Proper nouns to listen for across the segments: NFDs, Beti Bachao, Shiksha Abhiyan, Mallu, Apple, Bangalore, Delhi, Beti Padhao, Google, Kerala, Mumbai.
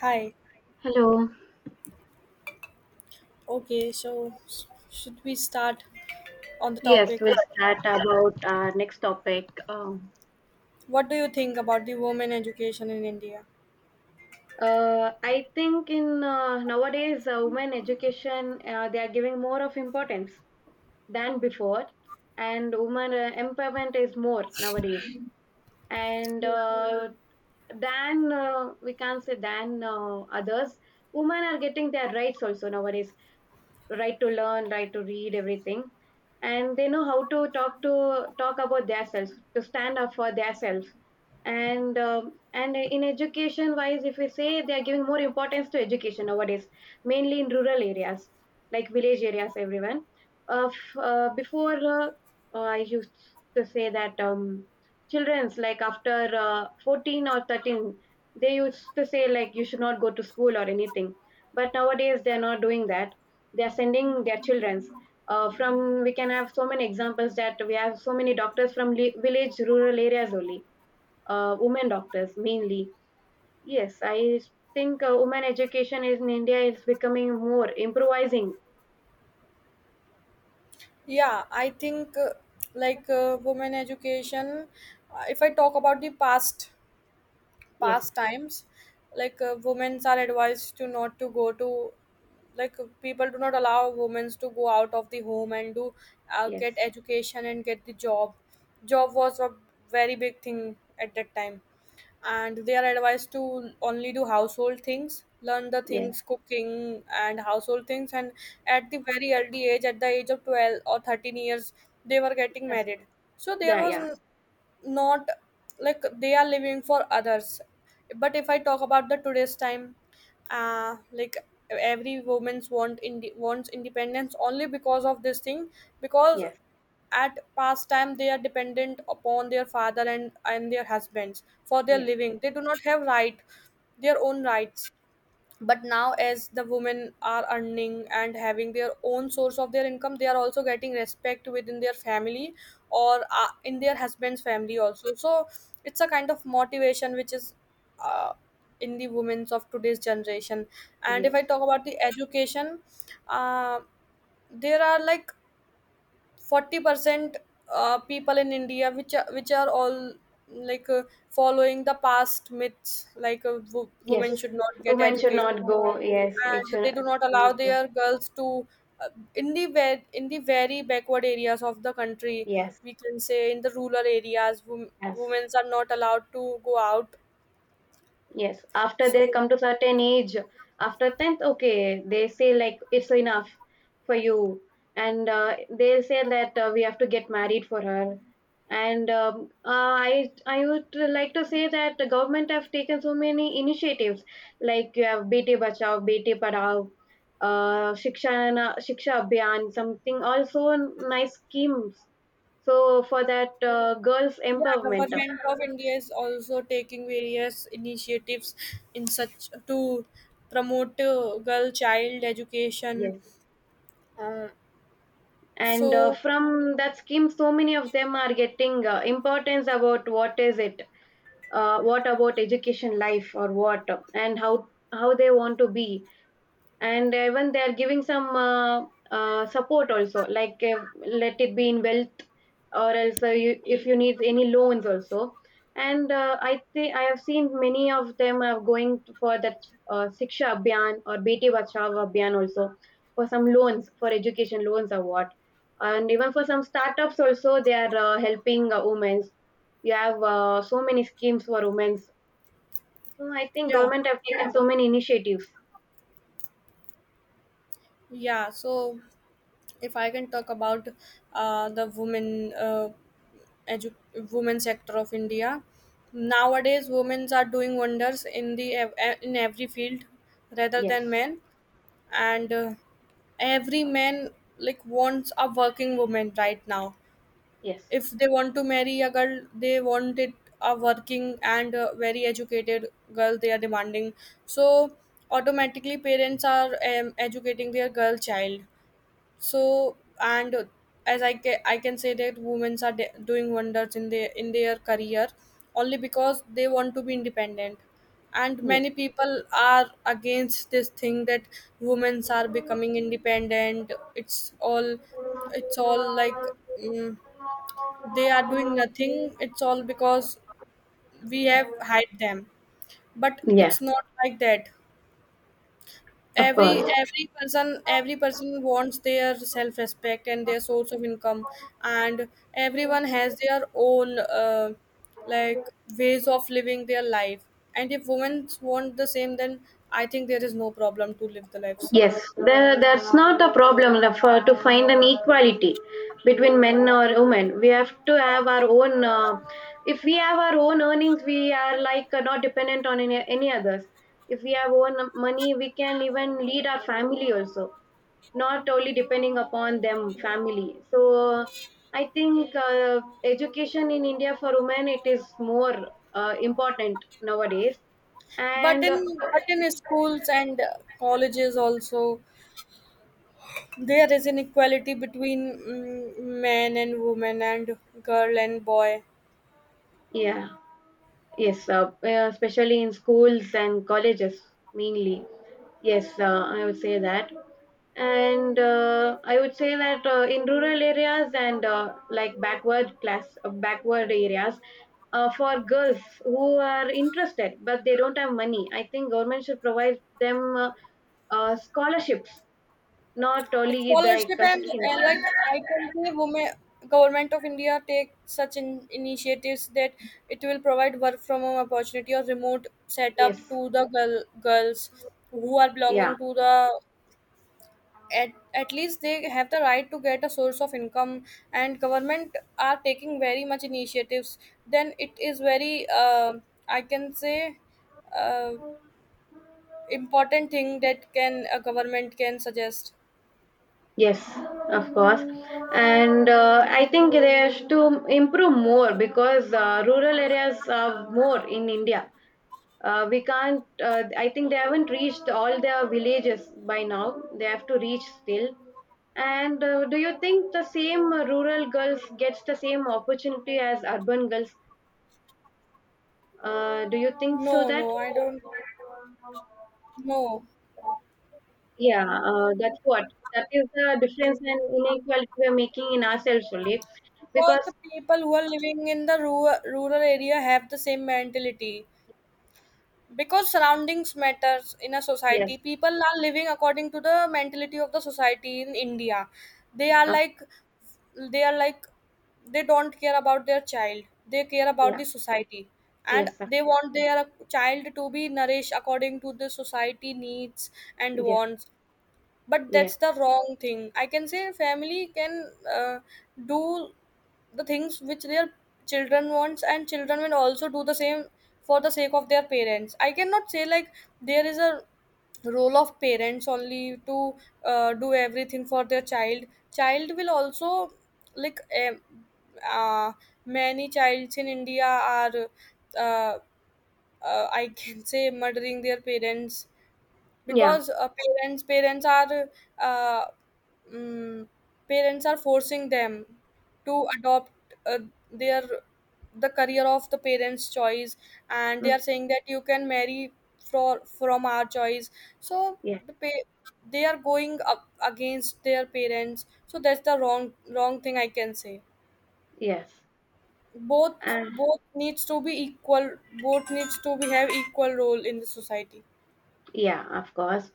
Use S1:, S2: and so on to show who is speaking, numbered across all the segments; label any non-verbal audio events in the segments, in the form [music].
S1: Hi.
S2: Hello.
S1: Okay, so should we start on the
S2: Yes,
S1: topic?
S2: we'll start about our next topic.
S1: What do you think about the women education in India?
S2: I think in nowadays women education they are giving more of importance than before, and women empowerment is more nowadays, and than we can't say than others. Women are getting their rights also nowadays, right to learn, right to read, everything. And they know how to talk about themselves, to stand up for themselves. And in education wise, if we say they are giving more importance to education nowadays, mainly in rural areas like village areas, everyone. Of before I used to say that children's like after 14 or 13, they used to say like you should not go to school or anything, but nowadays they are not doing that. They are sending their childrens. From We can have so many examples that we have so many doctors from village rural areas only, women doctors mainly. Yes, I think women education is in India is becoming more improvising.
S1: Yeah, I think like women education, if I talk about the past
S2: Yes,
S1: pastimes like women are advised to not to go to, like people do not allow women to go out of the home and do
S2: yes,
S1: get education and get the job. Job was a very big thing at that time, and they are advised to only do household things, learn the
S2: yes,
S1: things, cooking and household things, and at the very early age, at the age of 12 or 13 years, they were getting
S2: that's
S1: married.
S2: it.
S1: So there
S2: Yeah,
S1: was
S2: yeah.
S1: not like they are living for others. But if I talk about the today's time, like every wants independence only because of this thing, because
S2: Yes,
S1: at past time they are dependent upon their father and their husbands for their
S2: yes,
S1: living. They do not have right, their own rights. But now as the women are earning and having their own source of their income, they are also getting respect within their family or in their husband's family also. So it's a kind of motivation which is uh, in the women's of today's generation. And if
S2: yes,
S1: I talk about the education, uh, there are like 40% people in India which are all like following the past myths, like
S2: yes,
S1: women should not get
S2: women should not
S1: educated,
S2: go. Yes, it
S1: and
S2: should
S1: they do not
S2: not
S1: allow
S2: go.
S1: their girls to. uh, in the in the very backward areas of the country,
S2: Yes,
S1: we can say in the rural areas,
S2: yes,
S1: women are not allowed to go out.
S2: yes, after they
S1: So
S2: come to certain age, after 10th, okay, they say like it's enough for you, and they'll say that we have to get married for her. And I would like to say that the government have taken so many initiatives, like you have Beti Bachao, Beti Padhao, Shiksha Abhiyan, something, also nice schemes. So for that girls
S1: yeah,
S2: empowerment,
S1: government of India is also taking various initiatives in such, to promote girl child education.
S2: yes.
S1: uh,
S2: And
S1: so
S2: from that scheme so many of them are getting importance about what is it, what about education life or what, and how they want to be, and even they are giving some support also, like let it be in wealth, or else you, if you need any loans also. And I think I have seen many of them are going for that Shiksha Abhiyan or Beti Bachao Abhiyan also, for some loans, for education loans or what. And even for some startups also they are helping women. You have so many schemes for women. So I think
S1: yeah,
S2: government have taken so many initiatives.
S1: yeah, so if I can talk about the women, uh, edu- women sector of India, nowadays women are doing wonders in the in every field rather
S2: Yes,
S1: than men. And every man like wants a working woman right now.
S2: yes,
S1: If they want to marry a girl, they want it a working and very educated girl. They are demanding. So automatically parents are educating their girl child. So, and as I can, I can say that women are doing wonders in their career only because they want to be independent. And
S2: yes.
S1: many people are against this thing, that women are becoming independent. It's all like, mm, they are doing nothing. It's all because we have hyped them, but
S2: Yeah,
S1: it's not like that.
S2: of
S1: every
S2: course.
S1: every person every person wants their self respect and their source of income. And everyone has their own like ways of living their life. And if women want the same, then I think there is no problem to live the life same.
S2: Yes, there, that's not a problem to find an equality between men or women. We have to have our own. If we have our own earnings, we are like not dependent on any others. If we have own money, we can even lead our family also, not only depending upon them family. So I think education in India for women it is more important nowadays,
S1: But
S2: and.
S1: in schools and colleges also, there is inequality between men and women, and girl and boy.
S2: Yeah, yes, especially in schools and colleges mainly. Yes, I would say that. And I would say that in rural areas and like backward class, backward areas, for girls who are interested but they don't have money. I think government should provide them scholarships, not
S1: It's
S2: only the, like
S1: scholarship, and,
S2: schemes.
S1: and like, I can say women, government of India take such initiatives that it will provide work from home opportunity or remote setup
S2: Yes,
S1: to the girls who are
S2: yeah.
S1: belonging to the, at least they have the right to get a source of income. And government are taking very much initiatives. Then it is very, I can say uh, important thing that can a government can suggest.
S2: Yes, of course. And I think they have to improve more because rural areas are more in India. We can't, I think they haven't reached all their villages by now. They have to reach still. And do you think the same rural girls gets the same opportunity as urban girls? Do you think
S1: No,
S2: so that?
S1: no, I don't. No.
S2: Yeah, that's what. That is the difference and inequality we are making in ourselves only.
S1: Because
S2: Because,
S1: the people who are living in the rural area have the same mentality, because surroundings matters in a
S2: yes.
S1: society. People are living according to the mentality of the society in India. they are
S2: Of
S1: like they are like they don't care about their child, they care about
S2: Yeah,
S1: the society. And
S2: yes,
S1: they want their child to be nourished according to the society needs and
S2: yes,
S1: wants. But
S2: yes,
S1: that's the wrong thing I can say. Family can uh, do the things which their children wants, and children will also do the same for the sake of their parents. I cannot say like there is a role of parents only to do everything for their child. Child will also like uh, many childs in India are uh, I can say murdering their parents,
S2: yeah,
S1: because parents are uh, mm, parents are forcing them to adopt uh, their, the career of the parents choice. And they
S2: mm,
S1: are saying that you can marry for from our choice. So
S2: yes,
S1: the pa- they are going up against their parents. So that's the wrong thing I can say.
S2: yes,
S1: both
S2: and
S1: both needs to be equal. Both needs to be have equal role in the society.
S2: yeah, of course.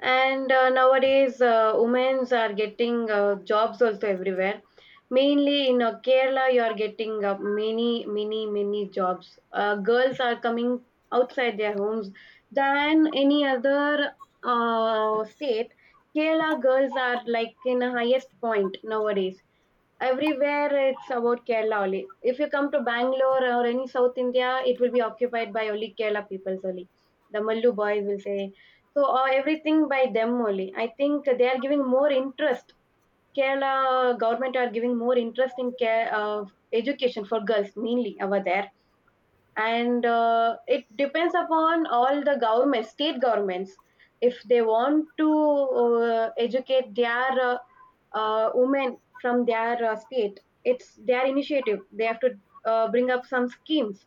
S2: And nowadays, women's are getting jobs also everywhere. Mainly in Kerala, you are getting many, many, many jobs. Girls are coming outside their homes than any other state. Kerala girls are like in a highest point nowadays. Everywhere it's about Kerala only. If you come to Bangalore or any South India, it will be occupied by only Kerala people only. The Mallu boys will say so. Everything by them only. I think they are giving more interest. Kerala government are giving more interest in care of education for girls mainly over there, and it depends upon all the government, state governments, if they want to educate their women from their state. It's their initiative. They have to bring up some schemes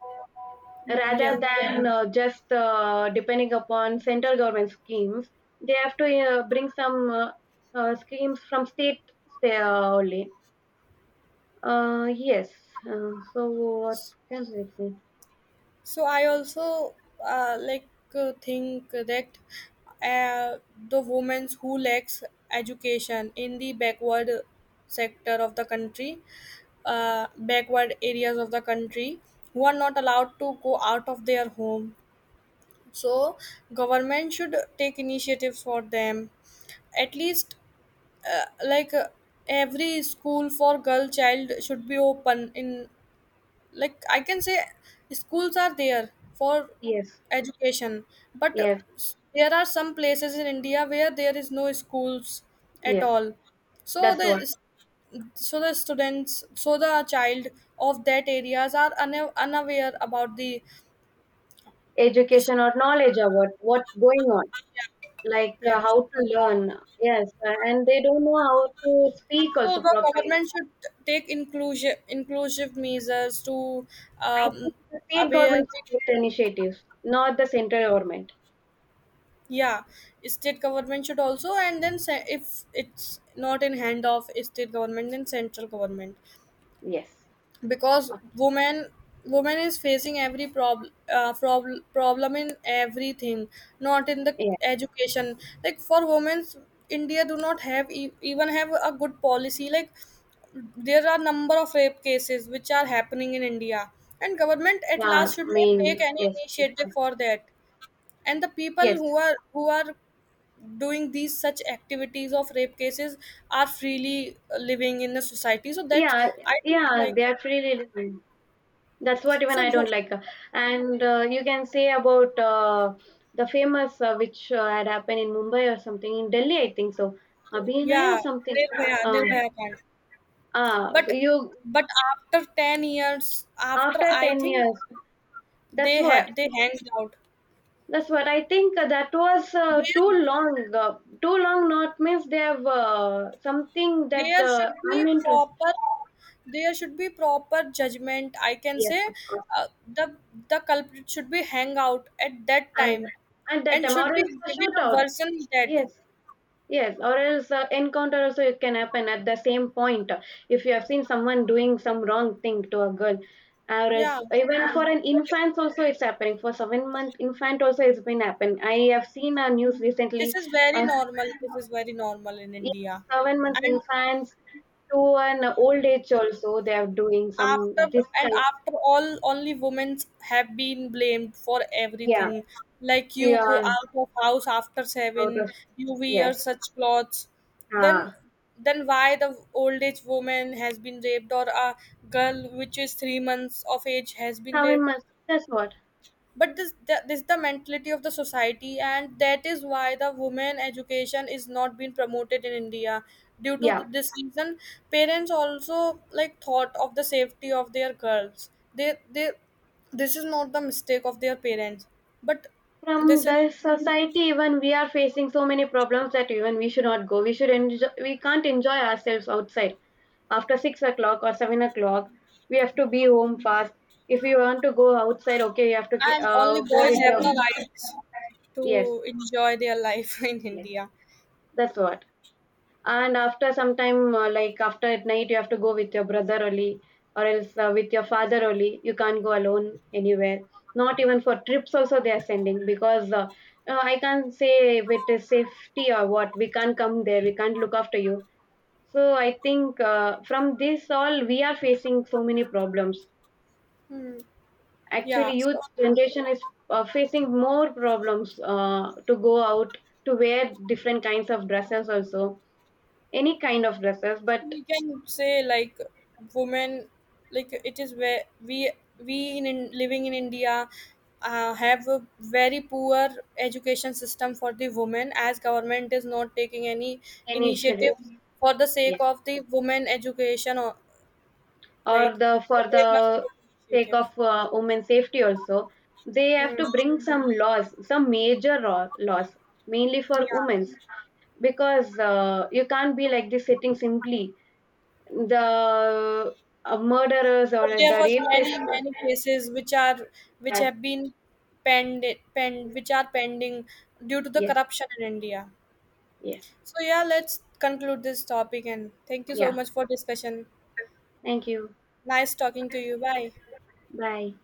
S1: Mm,
S2: rather
S1: yeah.
S2: than just depending upon central government schemes. They have to bring some schemes from state only. Yes. So what can I say?
S1: So I also like think that uh, the women who lacks education in the backward sector of the country, backward areas of the country, who are not allowed to go out of their home. So government should take initiatives for them. At least uh, like uh, every school for girl child should be open in, like I can say schools are there for
S2: Yes.
S1: education, but
S2: Yes.
S1: there are some places in India where there is no schools at
S2: Yes.
S1: all. So
S2: That's
S1: the,
S2: what,
S1: so the students, so the child of that areas are unaware about the, is-
S2: education or knowledge about what's going on, like
S1: yeah.
S2: how to learn, yes, and they don't know how to speak
S1: So
S2: also
S1: the
S2: properly.
S1: government should take inclusive measures to
S2: I
S1: um,
S2: think the state
S1: aware
S2: government
S1: the,
S2: should take the initiative, not the central government.
S1: yeah, state government should also, and then if it's not in hand of state government, then central government.
S2: Yes.
S1: Because woman is facing every problem, problem in everything, not in the
S2: Yeah.
S1: education. Like for women's, India do not have even have a good policy, like there are number of rape cases which are happening in India, and government at
S2: Yeah.
S1: last should not
S2: Mainly.
S1: take any
S2: Yes.
S1: initiative for that. And the people
S2: Yes.
S1: who are, who are doing these such activities of rape cases are freely living in the society. So that's,
S2: Yeah.
S1: I don't
S2: Yeah. They
S1: like.
S2: are freely living. That's what even
S1: so
S2: I
S1: who-
S2: don't like. And you can say about the famous which had happened in Mumbai or something in Delhi. I think so. Abhinaya or
S1: yeah,
S2: something. Um,
S1: nirbhaya can't,
S2: ah.
S1: but
S2: So you,
S1: but after 10 years, after
S2: after
S1: I
S2: ten
S1: think
S2: years. That's
S1: they
S2: what
S1: have, they hanged out.
S2: That's what I think. That was too
S1: there
S2: long. Too long, not means they have something that
S1: there should be
S2: I'm interested.
S1: proper, there should be proper judgment I can
S2: Yes,
S1: say.
S2: of course.
S1: uh, the the culprit should be hang out at that
S2: And
S1: time,
S2: and that
S1: and
S2: time,
S1: should
S2: or
S1: be
S2: else a
S1: given a
S2: shootout.
S1: version dead.
S2: Yes, yes, or else encounter also it can happen at the same point. If you have seen someone doing some wrong thing to a girl, or
S1: Yeah.
S2: else even for an
S1: But
S2: infant also it's happening. For 7 month infant also it's been happening. I have seen a news
S1: this
S2: recently.
S1: is very
S2: Uh,
S1: normal. This is very normal in India,
S2: 7 months
S1: and
S2: infant to an old age also they are doing
S1: after,
S2: some this
S1: and
S2: kind.
S1: after all, only women have been blamed for
S2: Yeah,
S1: everything. Like you go
S2: yeah,
S1: out of house after
S2: out
S1: seven,
S2: of,
S1: you wear
S2: yes,
S1: such clothes,
S2: ah,
S1: then then why the old age woman has been raped, or a girl which is 3 months of age has been
S2: seven
S1: raped?
S2: months that's what,
S1: But this the mentality of the society, and that is why the women education is not being promoted in India due to
S2: yeah.
S1: this reason. Parents also like thought of the safety of their girls. They this is not the mistake of their parents, but
S2: From
S1: this is,
S2: the society even we are facing so many problems that even we should not go. We should enjoy. We can't enjoy ourselves outside after 6 o'clock or 7 o'clock. We have to be home fast. If you want to go outside, okay, you have to
S1: and only
S2: go
S1: boys
S2: with
S1: have
S2: your
S1: the rights
S2: [laughs] yes,
S1: to enjoy their life [laughs] in
S2: yes,
S1: India.
S2: that's what. And after some time, like after at night, you have to go with your brother only, or else with your father only. You can't go alone anywhere. Not even for trips, also they are sending because I can't say if it is safety or what. We can't come there. We can't look after you. So I think from this all, we are facing so many problems.
S1: Hmm.
S2: Actually,
S1: Yeah,
S2: youth
S1: so
S2: generation is facing more problems to go out, to wear different kinds of dresses also, any kind of dresses but
S1: we can say like women, like it is where we in living in India, have a very poor education system for the women, as government is not taking any
S2: initiative,
S1: initiative for the sake
S2: yes,
S1: of the women education or
S2: or
S1: like
S2: the for
S1: they must
S2: the
S1: take
S2: sake
S1: initiative.
S2: of women safety also. They have
S1: Hmm.
S2: to bring some laws, some major laws mainly for
S1: Yeah,
S2: women, because you can't be like this sitting simply, the murderers or
S1: but there
S2: the
S1: was
S2: rapists.
S1: many cases which are, which
S2: Yes,
S1: have been penned, penned, which are pending due to the
S2: yes,
S1: corruption in India.
S2: yes,
S1: So yeah, let's conclude this topic, and thank you so
S2: yeah,
S1: much for discussion.
S2: thank you.
S1: Nice talking to you. Bye.
S2: Bye.